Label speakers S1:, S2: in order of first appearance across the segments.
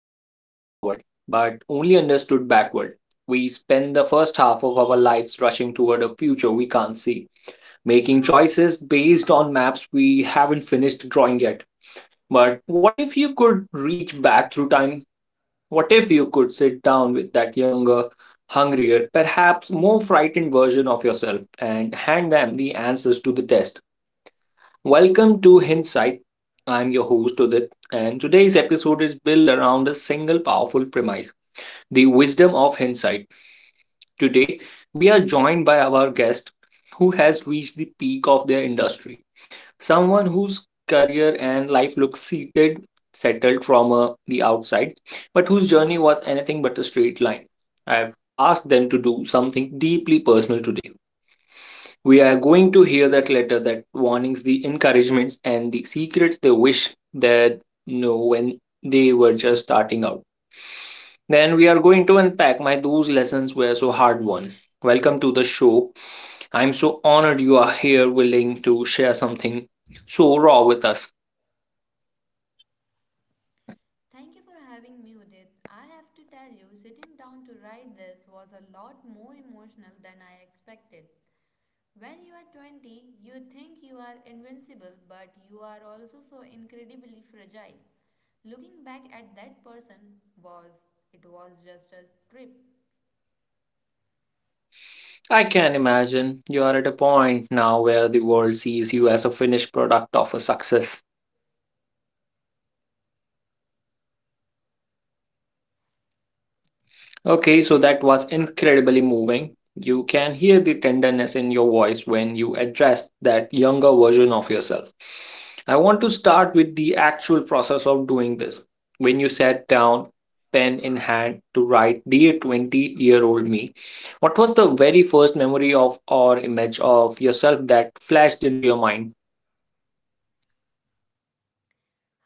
S1: lived forward, but only understood backward. We spend the first half of our lives rushing toward a future we can't see, making choices based on maps we haven't finished drawing yet. But what if you could reach back through time? What if you could sit down with that younger, hungrier, perhaps more frightened version of yourself and hand them the answers to the test? Welcome to Hindsight. I'm your host, Udit, and today's episode is built around a single powerful premise, the wisdom of hindsight. Today, we are joined by our guest who has reached the peak of their industry, someone whose career and life look seated, settled from the outside, but whose journey was anything but a straight line. I've asked them to do something deeply personal today. We are going to hear that letter, that warnings, the encouragements, and the secrets they wish that when they were just starting out. Then we are going to unpack my those lessons were so hard won. Welcome to the show. I'm so honored you are here willing to share something so raw with us.
S2: Thank you for having me, Udit. I have to tell you, sitting down to write this was a lot more emotional than I expected. When you are 20, you think you are invincible, but you are also so incredibly fragile. Looking back at that person was, it was just a trip.
S1: I can imagine you are at a point now where the world sees you as a finished product of a success. Okay, so that was incredibly moving. You can hear the tenderness in your voice when you address that younger version of yourself. I want to start with the actual process of doing this. When you sat down, pen in hand, to write "Dear 20-year-old me," what was the very first memory of or image of yourself that flashed into your mind?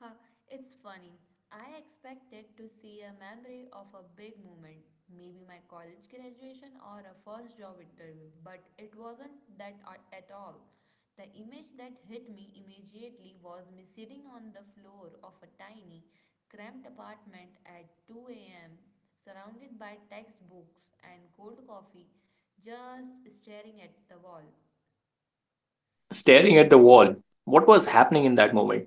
S2: Huh, it's funny. I expected to see a memory of a big moment, maybe my college graduation or a first job interview, but it wasn't that at all. The image that hit me immediately was me sitting on the floor of a tiny, cramped apartment at 2 a.m., surrounded by textbooks and cold coffee, just staring at the wall.
S1: Staring at the wall, what was happening in that moment?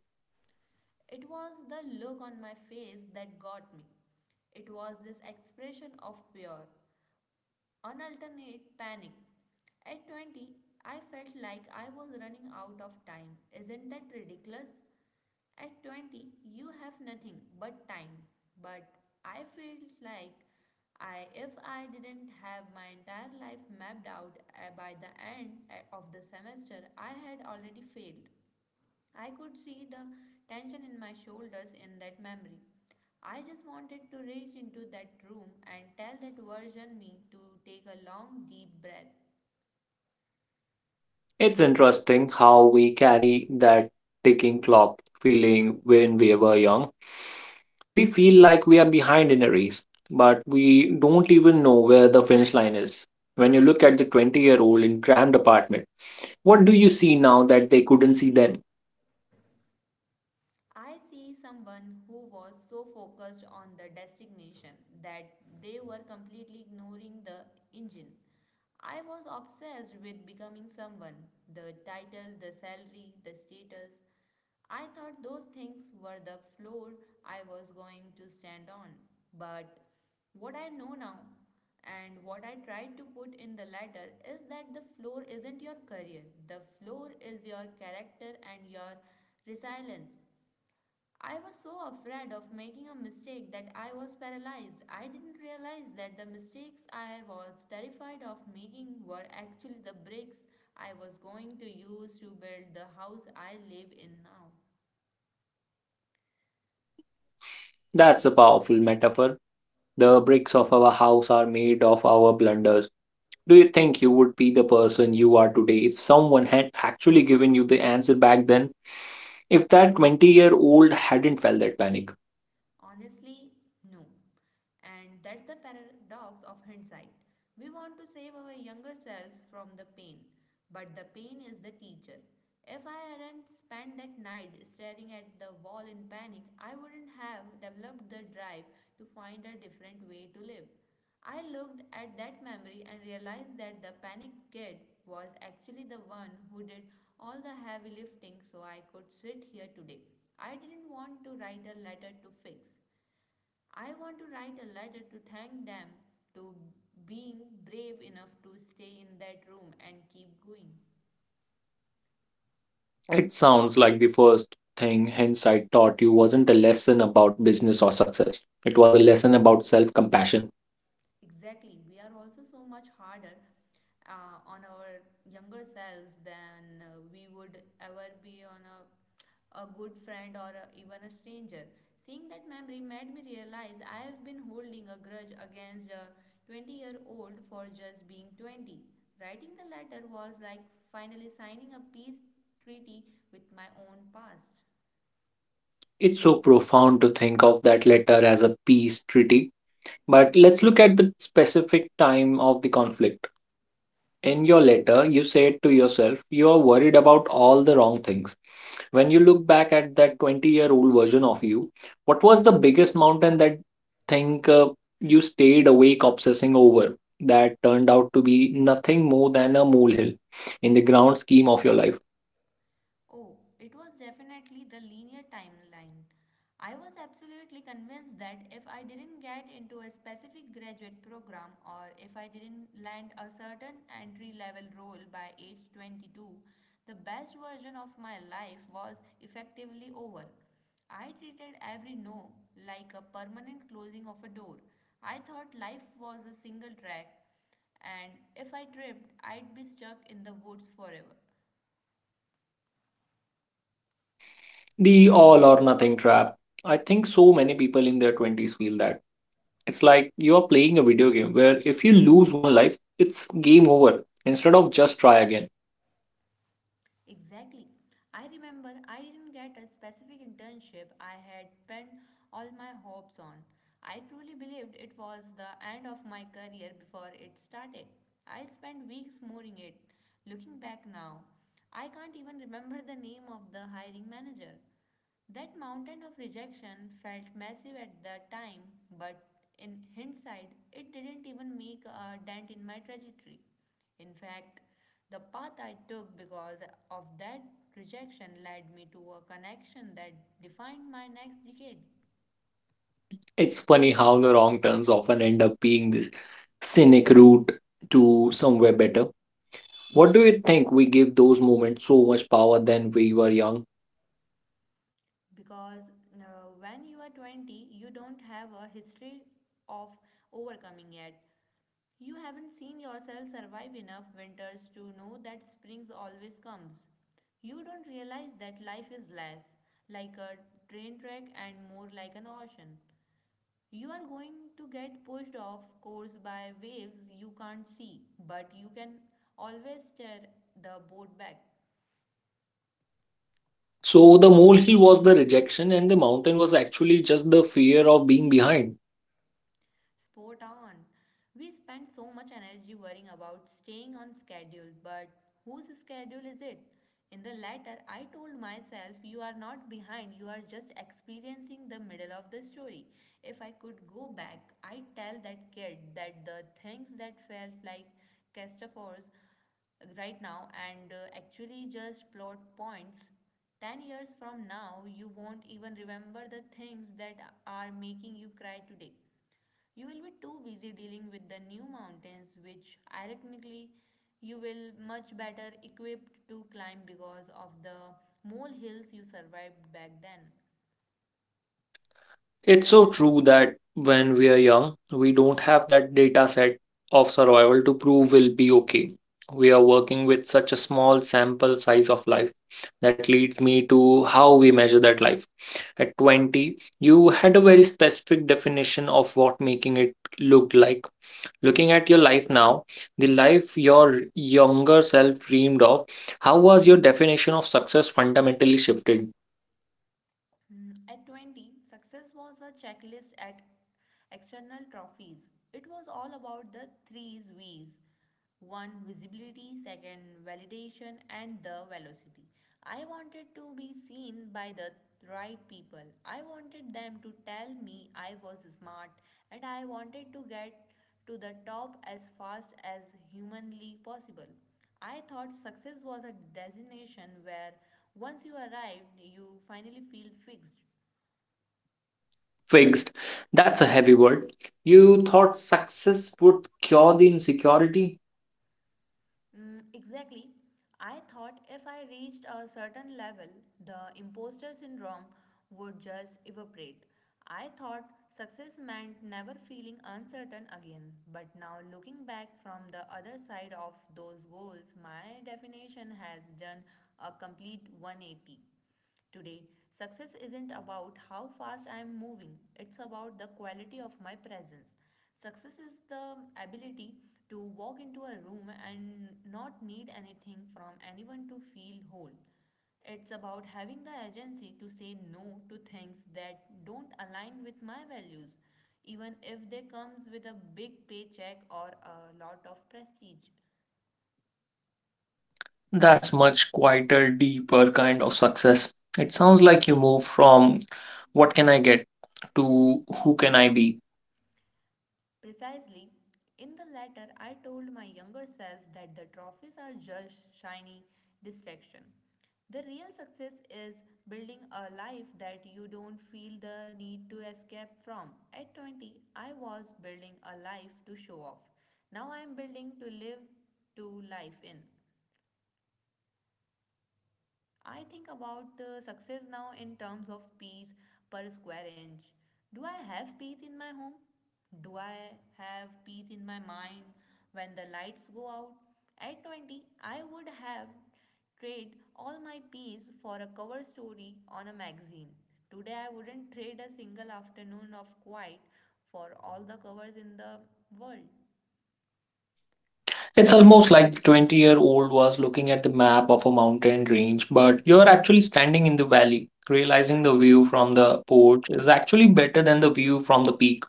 S2: It was the look on my face that got me. It was this expression of pure, unalternate panic. At 20, I felt like I was running out of time. Isn't that ridiculous? At 20, you have nothing but time. But I felt like I, if I didn't have my entire life mapped out by the end of the semester, I had already failed. I could see the tension in my shoulders in that memory. I just wanted to reach into that room and tell that version me to take a long, deep breath.
S1: It's interesting how we carry that ticking clock feeling when we were young. We feel like we are behind in a race, but we don't even know where the finish line is. When you look at the 20-year-old in crammed apartment, what do you see now that they couldn't see then?
S2: I see someone who was so focused on the destination that they were completely ignoring the engine. I was obsessed with becoming someone, the title, the salary, the status. I thought those things were the floor I was going to stand on. But what I know now and what I tried to put in the letter is that the floor isn't your career, the floor is your character and your resilience. I was so afraid of making a mistake that I was paralyzed. I didn't realize that the mistakes I was terrified of making were actually the bricks I was going to use to build the house I live in now.
S1: That's a powerful metaphor. The bricks of our house are made of our blunders. Do you think you would be the person you are today if someone had actually given you the answer back then? If that 20-year-old hadn't felt that panic?
S2: Honestly, no. And that's the paradox of hindsight. We want to save our younger selves from the pain, but the pain is the teacher. If I hadn't spent that night staring at the wall in panic, I wouldn't have developed the drive to find a different way to live. I looked at that memory and realized that the panicked kid was actually the one who did all the heavy lifting so I could sit here today. I didn't want to write a letter to fix. I want to write a letter to thank them, to being brave enough to stay in that room and keep going.
S1: It sounds like the first thing hindsight taught you wasn't a lesson about business or success. It was a lesson about self compassion.
S2: Exactly. We are also so much harder on our younger selves than we would ever be on a good friend or even a stranger. Seeing that memory made me realize I have been holding a grudge against a 20-year-old for just being 20. Writing the letter was like finally signing a peace treaty with my own past.
S1: It's so profound to think of that letter as a peace treaty. But let's look at the specific time of the conflict. In your letter, you said to yourself, you are worried about all the wrong things. When you look back at that 20-year-old version of you, what was the biggest mountain that think you stayed awake obsessing over that turned out to be nothing more than a molehill in the ground scheme of your life?
S2: Oh, it was definitely the linear timeline. I was absolutely convinced that if I didn't get into a specific graduate program or if I didn't land a certain entry level role by age 22, the best version of my life was effectively over. I treated every no like a permanent closing of a door. I thought life was a single track, and if I tripped, I'd be stuck in the woods forever.
S1: The all or nothing trap. I think so many people in their 20s feel that. It's like you are playing a video game where if you lose one life, it's game over instead of just try again.
S2: Exactly. I remember I didn't get a specific internship I had pinned all my hopes on. I truly believed it was the end of my career before it started. I spent weeks mooring it. Looking back now, I can't even remember the name of the hiring manager. That mountain of rejection felt massive at the time, but in hindsight, it didn't even make a dent in my trajectory. In fact, the path I took because of that rejection led me to a connection that defined my next decade.
S1: It's funny how the wrong turns often end up being this scenic route to somewhere better. What do you think we give those moments so much power than we were young?
S2: Because when you are 20, you don't have a history of overcoming yet. You haven't seen yourself survive enough winters to know that springs always comes. You don't realize that life is less like a train track and more like an ocean. You are going to get pushed off course by waves you can't see, but you can always steer the boat back.
S1: So the molehill was the rejection and the mountain was actually just the fear of being behind.
S2: Sport on. We spend so much energy worrying about staying on schedule, but whose schedule is it? In the latter, I told myself, you are not behind, you are just experiencing the middle of the story. If I could go back, I'd tell that kid that the things that felt like catastrophes right now and actually just plot points 10 years from now, you won't even remember the things that are making you cry today. You will be too busy dealing with the new mountains, which ironically you will much better equipped to climb because of the mole hills you survived back then.
S1: It's so true that when we are young, we don't have that data set of survival to prove we'll be okay. We are working with such a small sample size of life. That leads me to how we measure that life. At 20, you had a very specific definition of what making it looked like. Looking at your life now, the life your younger self dreamed of, how was your definition of success fundamentally shifted?
S2: Mm, at 20, success was a checklist at external trophies. It was all about the threes V's. One, visibility, second, validation, and the velocity. I wanted to be seen by the right people. I wanted them to tell me I was smart, and I wanted to get to the top as fast as humanly possible. I thought success was a destination where once you arrived, you finally feel fixed.
S1: Fixed. That's a heavy word. You thought success would cure the insecurity?
S2: Mm, exactly. I thought if I reached a certain level, the imposter syndrome would just evaporate. I thought success meant never feeling uncertain again, but now looking back from the other side of those goals, my definition has done a complete 180. Today, success isn't about how fast I am moving, it's about the quality of my presence. Success is the ability to walk into a room and not need anything from anyone to feel whole. It's about having the agency to say no to things that don't align with my values, even if they comes with a big paycheck or a lot of prestige.
S1: That's much quieter, deeper kind of success. It sounds like you move from what can I get to who can I be.
S2: Precisely. In the letter, I told my younger self that the trophies are just shiny distraction. The real success is building a life that you don't feel the need to escape from. At 20, I was building a life to show off. Now I am building to live to life in. I think about success now in terms of peace per square inch. Do I have peace in my home? Do I have peace in my mind when the lights go out? At 20, I would have traded all my peace for a cover story on a magazine. Today, I wouldn't trade a single afternoon of quiet for all the covers in the world.
S1: It's almost like the 20-year-old was looking at the map of a mountain range, but you're actually standing in the valley, realizing the view from the porch is actually better than the view from the peak.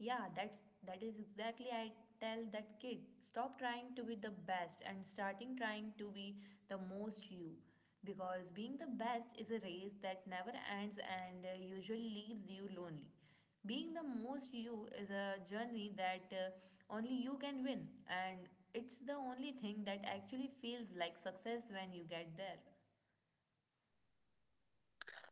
S2: Yeah, that is exactly I tell that kid. Stop trying to be the best and starting trying to be the most you, because being the best is a race that never ends and usually leaves you lonely. Being the most you is a journey that only you can win, and it's the only thing that actually feels like success when you get there.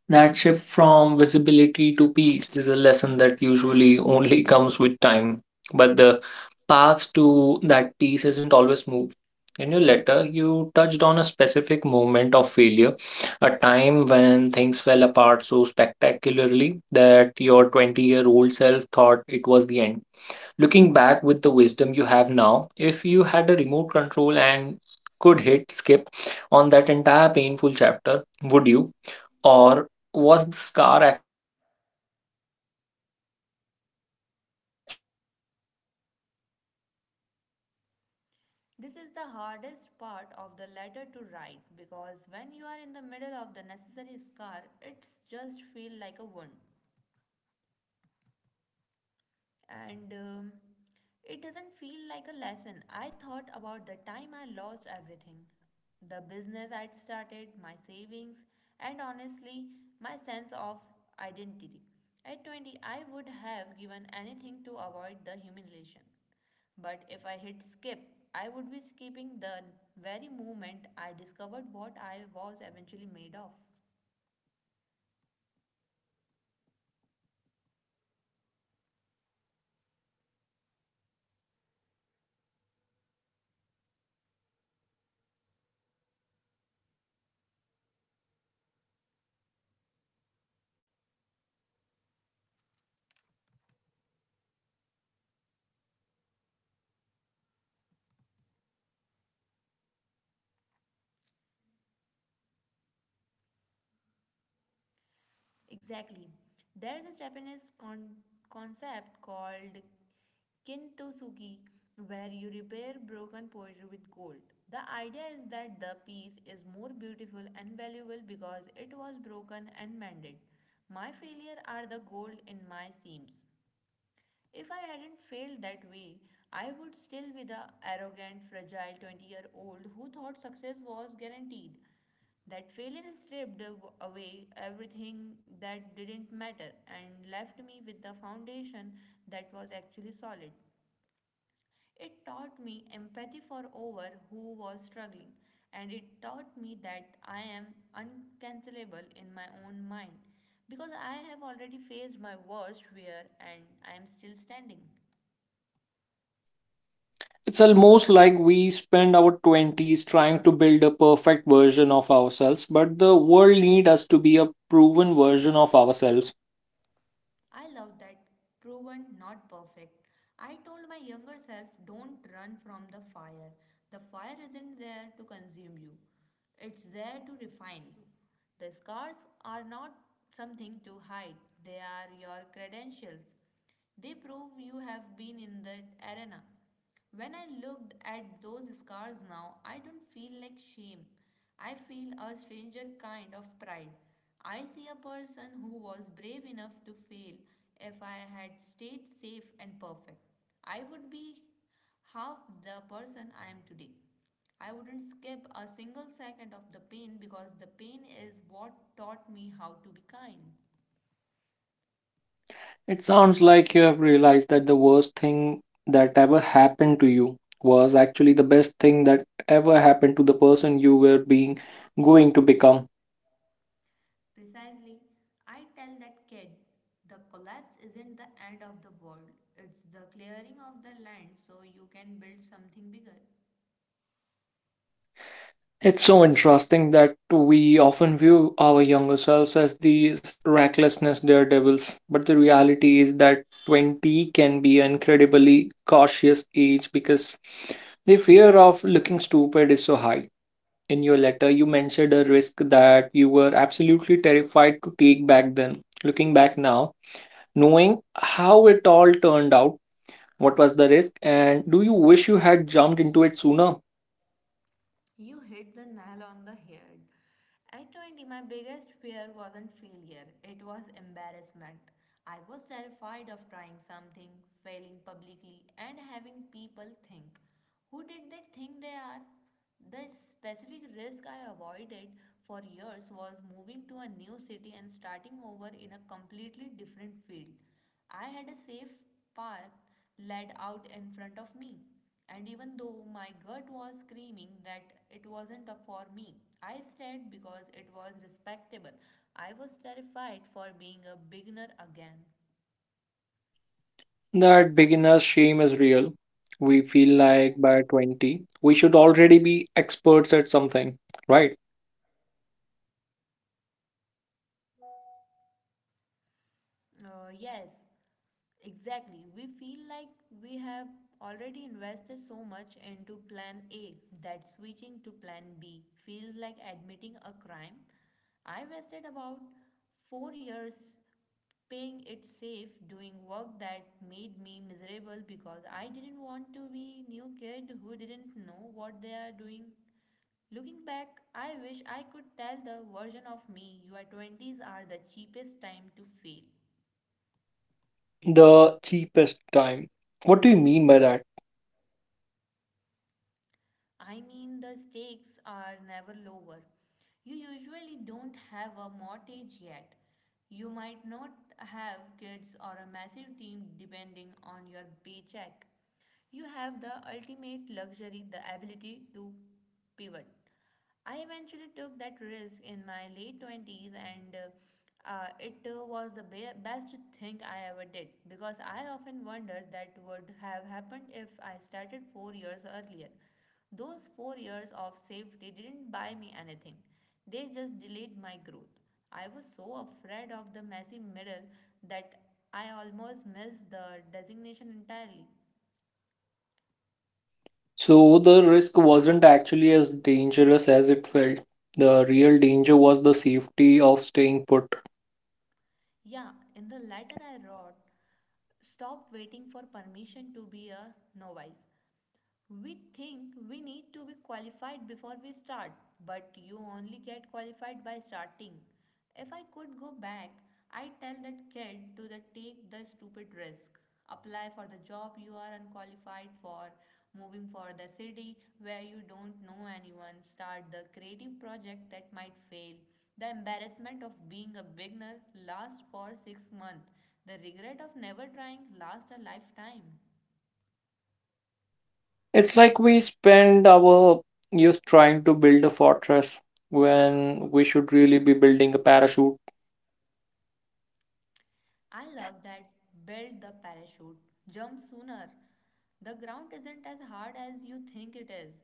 S1: That shift from visibility to peace is a lesson that usually only comes with time. But the path to that peace isn't always smooth. In your letter, you touched on a specific moment of failure, a time when things fell apart so spectacularly that your 20-year-old self thought it was the end. Looking back with the wisdom you have now, if you had a remote control and could hit skip on that entire painful chapter, would you? Or was the scar actually necessary for the person you are today?
S2: This is the hardest part of the letter to write, because when you are in the middle of the necessary scar, it's just feel like a wound and it doesn't feel like a lesson. I thought about the time I lost everything, the business I'd started, my savings, and honestly, my sense of identity. At 20, I would have given anything to avoid the humiliation. But if I hit skip, I would be skipping the very moment I discovered what I was eventually made of.
S1: So the failure was the stress test of your character.
S2: Exactly. There is a Japanese concept called kintsugi, where you repair broken pottery with gold. The idea is that the piece is more beautiful and valuable because it was broken and mended. My failure are the gold in my seams. If I hadn't failed that way, I would still be the arrogant, fragile 20-year-old who thought success was guaranteed. That failure stripped away everything that didn't matter and left me with the foundation that was actually solid. It taught me empathy for over who was struggling, and it taught me that I am uncancelable in my own mind because I have already faced my worst fear and I am still standing.
S1: It's almost like we spend our 20s trying to build a perfect version of ourselves, but the world needs us to be a proven version of ourselves.
S2: I love that, proven not perfect. I told my younger self, don't run from the fire. The fire isn't there to consume you, it's there to refine you. The scars are not something to hide, they are your credentials. They prove you have been in that arena. When I looked at those scars now, I don't feel like shame. I feel a stranger kind of pride. I see a person who was brave enough to fail. If I had stayed safe and perfect, I would be half the person I am today. I wouldn't skip a single second of the pain because the pain is what taught me how to be kind.
S1: It sounds like you have realized that the worst thing that ever happened to you was actually the best thing that ever happened to the person you were being going to become.
S2: Precisely, I tell that kid the collapse isn't the end of the world, it's the clearing of the land so you can build something bigger.
S1: It's so interesting that we often view our younger selves as these recklessness daredevils, but the reality is that 20 can be an incredibly cautious age because the fear of looking stupid is so high. In your letter, you mentioned a risk that you were absolutely terrified to take back then. Looking back now, knowing how it all turned out, what was the risk, and do you wish you had jumped into it sooner?
S2: You hit the nail on the head. At 20, my biggest fear wasn't failure, it was embarrassment. I was terrified of trying something, failing publicly, and having people think, who did they think they are? The specific risk I avoided for years was moving to a new city and starting over in a completely different field. I had a safe path laid out in front of me. And even though my gut was screaming that it wasn't up for me, I stayed because it was respectable. I was terrified for being a beginner again.
S1: That beginner's shame is real. We feel like by 20, we should already be experts at something, right?
S2: Yes, exactly. We feel like we have already invested so much into plan A that switching to plan B feels like admitting a crime. I wasted about 4 years paying it safe, doing work that made me miserable because I didn't want to be new kid who didn't know what they are doing. Looking back, I wish I could tell the version of me your 20s are the cheapest time to fail.
S1: The cheapest time. What do you mean by that?
S2: I mean, the stakes are never lower. You usually don't have a mortgage yet. You might not have kids or a massive team depending on your paycheck. You have the ultimate luxury, the ability to pivot. I eventually took that risk in my late 20s, and it was the best thing I ever did because I often wondered that would have happened if I started 4 years earlier. Those 4 years of safety didn't buy me anything, they just delayed my growth. I was so afraid of the messy middle that I almost missed the designation entirely.
S1: So the risk wasn't actually as dangerous as it felt. The real danger was the safety of staying put.
S2: Yeah, in the letter I wrote, stop waiting for permission to be a novice. We think we need to be qualified before we start, but you only get qualified by starting. If I could go back, I'd tell that kid to the take the stupid risk. Apply for the job you are unqualified for, moving for the city where you don't know anyone, start the creative project that might fail. The embarrassment of being a beginner lasts for 6 months. The regret of never trying lasts a lifetime.
S1: It's like we spend our youth trying to build a fortress when we should really be building a parachute.
S2: I love that belt the parachute, jump sooner. The ground isn't as hard as you think it is.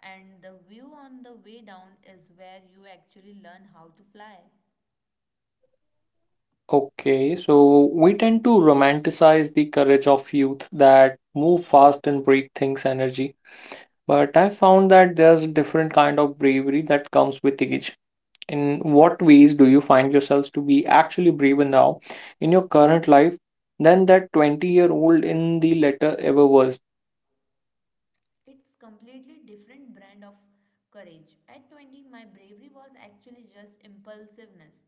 S2: And the view on the way down is where you actually learn how to fly.
S1: Okay, so we tend to romanticize the courage of youth that move fast and break things energy. But I found that there's a different kind of bravery that comes with age. In what ways do you find yourselves to be actually braver now in your current life than that 20-year-old in the letter ever was?
S2: It's completely different brand of courage. At 20, my bravery was actually just impulsiveness.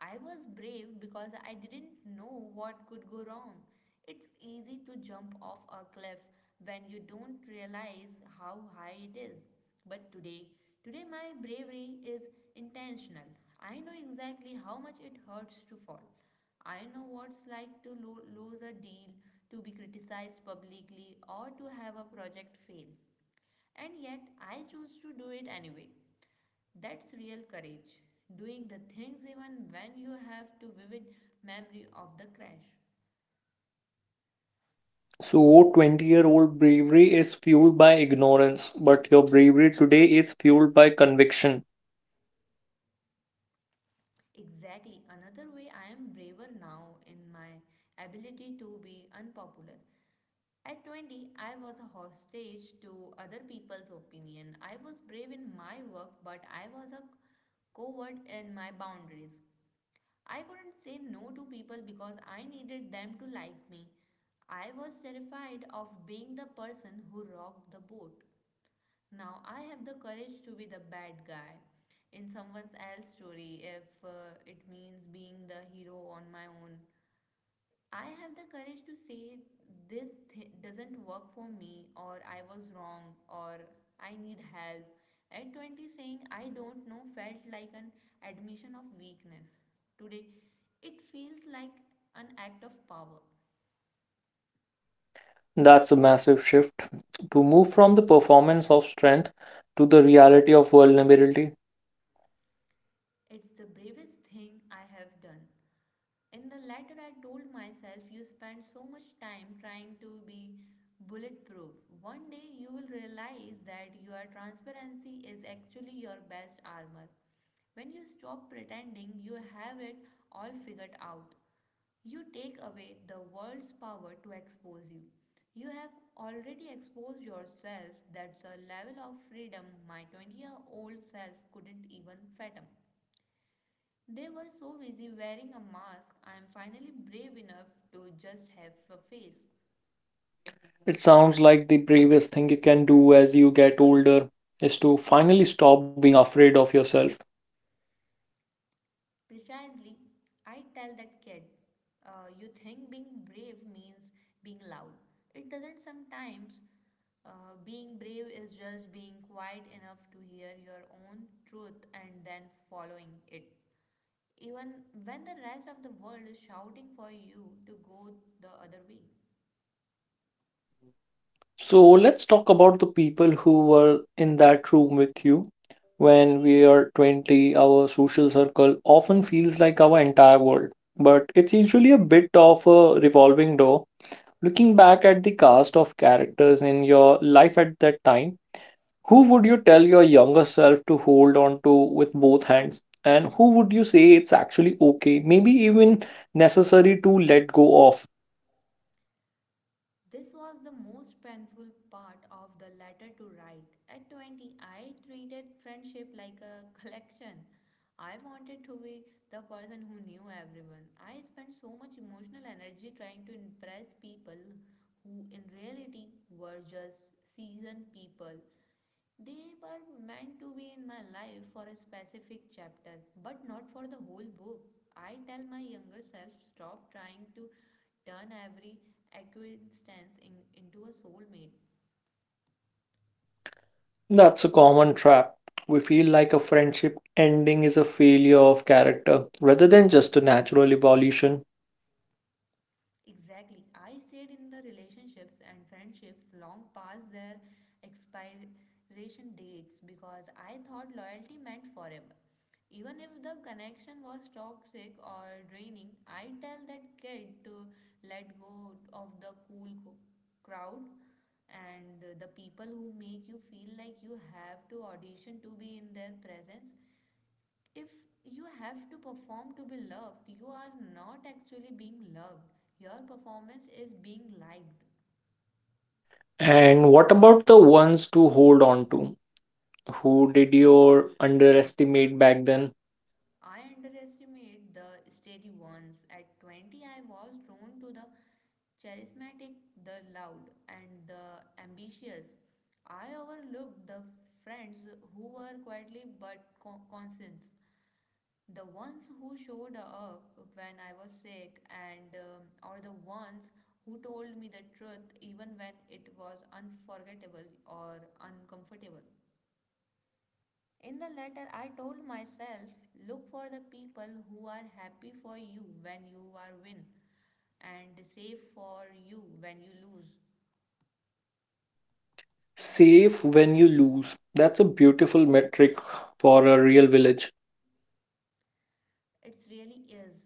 S2: I was brave because I didn't know what could go wrong. It's easy to jump off a cliff when you don't realize how high it is. But today, today my bravery is intentional. I know exactly how much it hurts to fall. I know what's like to lose a deal, to be criticized publicly, or to have a project fail. And yet, I choose to do it anyway. That's real courage. Doing the things even when you have to vivid memory of the crash.
S1: So, 20-year-old bravery is fueled by ignorance, but your bravery today is fueled by conviction.
S2: Exactly, another way I am braver now in my ability to be unpopular. At 20, I was a hostage to other people's opinion. I was brave in my work, but I was a coward in my boundaries. I couldn't say no to people because I needed them to like me. I was terrified of being the person who rocked the boat. Now I have the courage to be the bad guy in someone else's story if it means being the hero on my own. I have the courage to say this doesn't work for me, or I was wrong, or I need help. At 20, saying I don't know felt like an admission of weakness. Today, it feels like an act of power.
S1: That's a massive shift to move from the performance of strength to the reality of vulnerability.
S2: It's the bravest thing I have done. In the letter, I told myself, you spend so much time trying to be bulletproof. One day you will realize that your transparency is actually your best armor. When you stop pretending you have it all figured out, you take away the world's power to expose you. You have already exposed yourself. That's a level of freedom my 20-year-old self couldn't even fathom. They were so busy wearing a mask, I am finally brave enough to just have a face.
S1: It sounds like the bravest thing you can do as you get older is to finally stop being afraid of yourself.
S2: Precisely, I tell that kid, you think being brave means being loud. It doesn't sometimes. Being brave is just being quiet enough to hear your own truth and then following it. Even when the rest of the world is shouting for you to go the other way.
S1: So let's talk about the people who were in that room with you. When we are 20, our social circle often feels like our entire world, but it's usually a bit of a revolving door. Looking back at the cast of characters in your life at that time, who would you tell your younger self to hold on to with both hands? And who would you say it's actually okay, maybe even necessary to let go of?
S2: This was the most painful part of the letter to write. At 20, I treated friendship like a collection. I wanted to be the person who knew everyone. I spent so much emotional energy trying to impress people who, in reality, were just seasoned people they were meant to be in my life for a specific chapter, but not for the whole book. I tell my younger self stop trying to turn every acquaintance into a soulmate.
S1: That's a common trap. We feel like a friendship ending is a failure of character rather than just a natural evolution.
S2: Exactly. I stayed in the relationships and friendships long past their expiration dates because I thought loyalty meant forever. Even if the connection was toxic or draining, I tell that kid to let go of the cool crowd and the people who make you feel like you have to audition to be in their presence if you have to perform to be loved, you are not actually being loved. Your performance is being liked.
S1: And what about the ones to hold on to? Who did you underestimate back then?
S2: I underestimate the steady ones. At 20, I was drawn to the charismatic, the loud, and the ambitious. I overlooked the friends who were quietly but constant, the ones who showed up when I was sick and or the ones who told me the truth even when it was unforgettable or uncomfortable. In the letter I told myself, look for the people who are happy for you when you are win and safe for you when you lose.
S1: Save when you lose. That's a beautiful metric for a real village.
S2: It really is.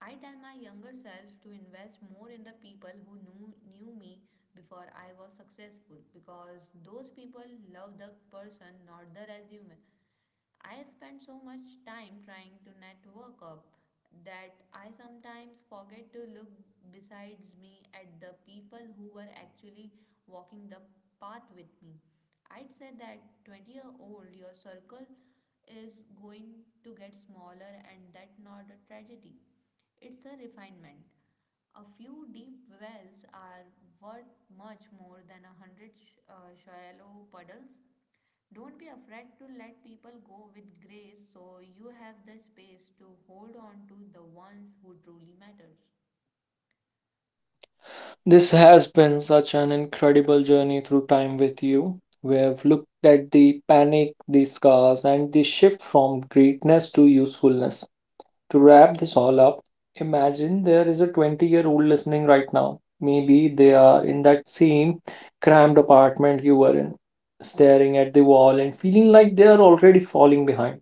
S2: I tell my younger self to invest more in the people who knew me before I was successful because those people love the person, not the resume. I spend so much time trying to network up that I sometimes forget to look besides me at the people who were actually walking the path with me. I'd say that 20-year-old your circle is going to get smaller and that's not a tragedy. It's a refinement. A few deep wells are worth much more than a hundred shallow puddles. Don't be afraid to let people go with grace so you have the space to hold on to the ones who truly matter.
S1: This has been such an incredible journey through time with you. We have looked at the panic, the scars, and the shift from greatness to usefulness. To wrap this all up, imagine there is a 20-year-old listening right now. Maybe they are in that same cramped apartment you were in, staring at the wall and feeling like they are already falling behind.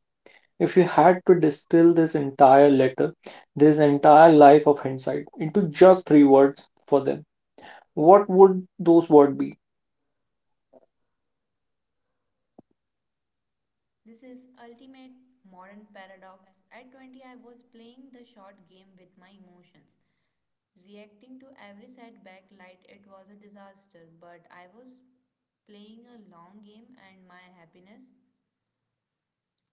S1: If you had to distill this entire letter, this entire life of hindsight, into just three words for them, what would those words be?
S2: This is ultimate modern paradox. At 20 I was playing the short game with my emotions, reacting to every setback like it was a disaster, but I was playing a long game and my happiness.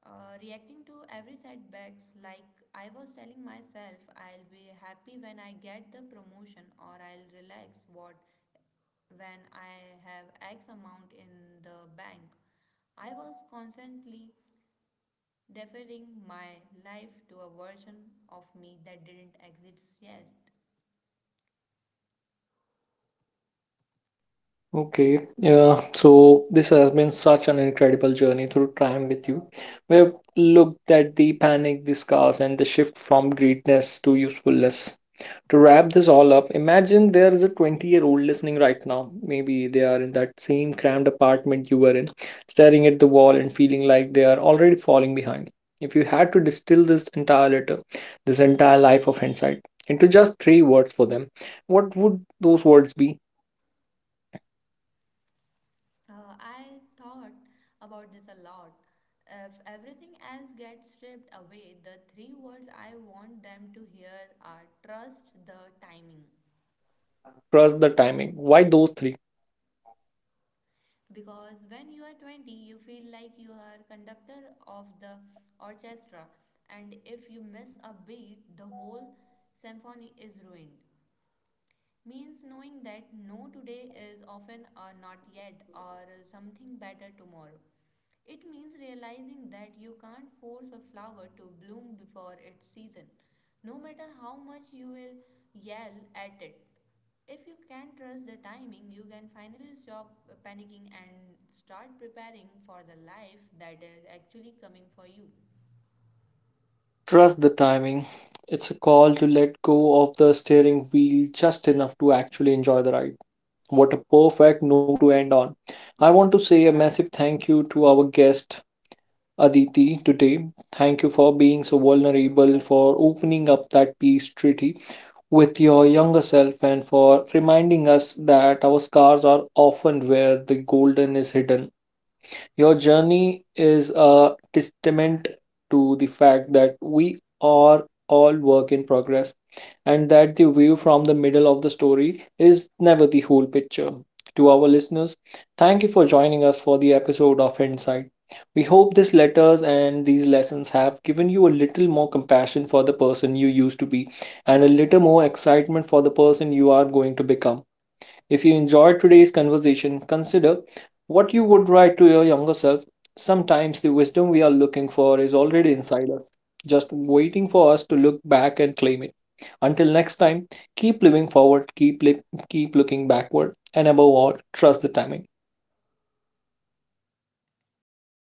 S2: Reacting to every setbacks like I was telling myself I'll be happy when I get the promotion or I'll relax what when I have X amount in the bank. I was constantly deferring my life to a version of me that didn't exist yet.
S1: Okay, yeah. So this has been such an incredible journey through time with you. We have looked at the panic, the scars, and the shift from greatness to usefulness. To wrap this all up, imagine there is a 20-year-old listening right now. Maybe they are in that same cramped apartment you were in, staring at the wall and feeling like they are already falling behind. If you had to distill this entire letter, this entire life of hindsight, into just three words for them, what would those words be?
S2: I thought about this a lot. If everything else gets stripped away, the three words I want them to hear are trust the timing.
S1: Trust the timing. Why those three?
S2: Because when you are 20 you feel like you are conductor of the orchestra and if you miss a beat the whole symphony is ruined, means knowing that no today is often a not yet or something better tomorrow. It means realizing that you can't force a flower to bloom before its season, no matter how much you will yell at it. If you can trust the timing, you can finally stop panicking and start preparing for the life that is actually coming for you.
S1: Trust the timing. It's a call to let go of the steering wheel just enough to actually enjoy the ride. What a perfect note to end on. I want to say a massive thank you to our guest Aditi today. Thank you for being so vulnerable, for opening up that peace treaty with your younger self, and for reminding us that our scars are often where the golden is hidden. Your journey is a testament to the fact that we are all work in progress and that the view from the middle of the story is never the whole picture. To our listeners, thank you for joining us for the episode of Insight. We hope these letters and these lessons have given you a little more compassion for the person you used to be and a little more excitement for the person you are going to become. If you enjoyed today's conversation, consider what you would write to your younger self. Sometimes the wisdom we are looking for is already inside us, just waiting for us to look back and claim it. Until next time, keep living forward, keep looking backward, and above all, trust the timing.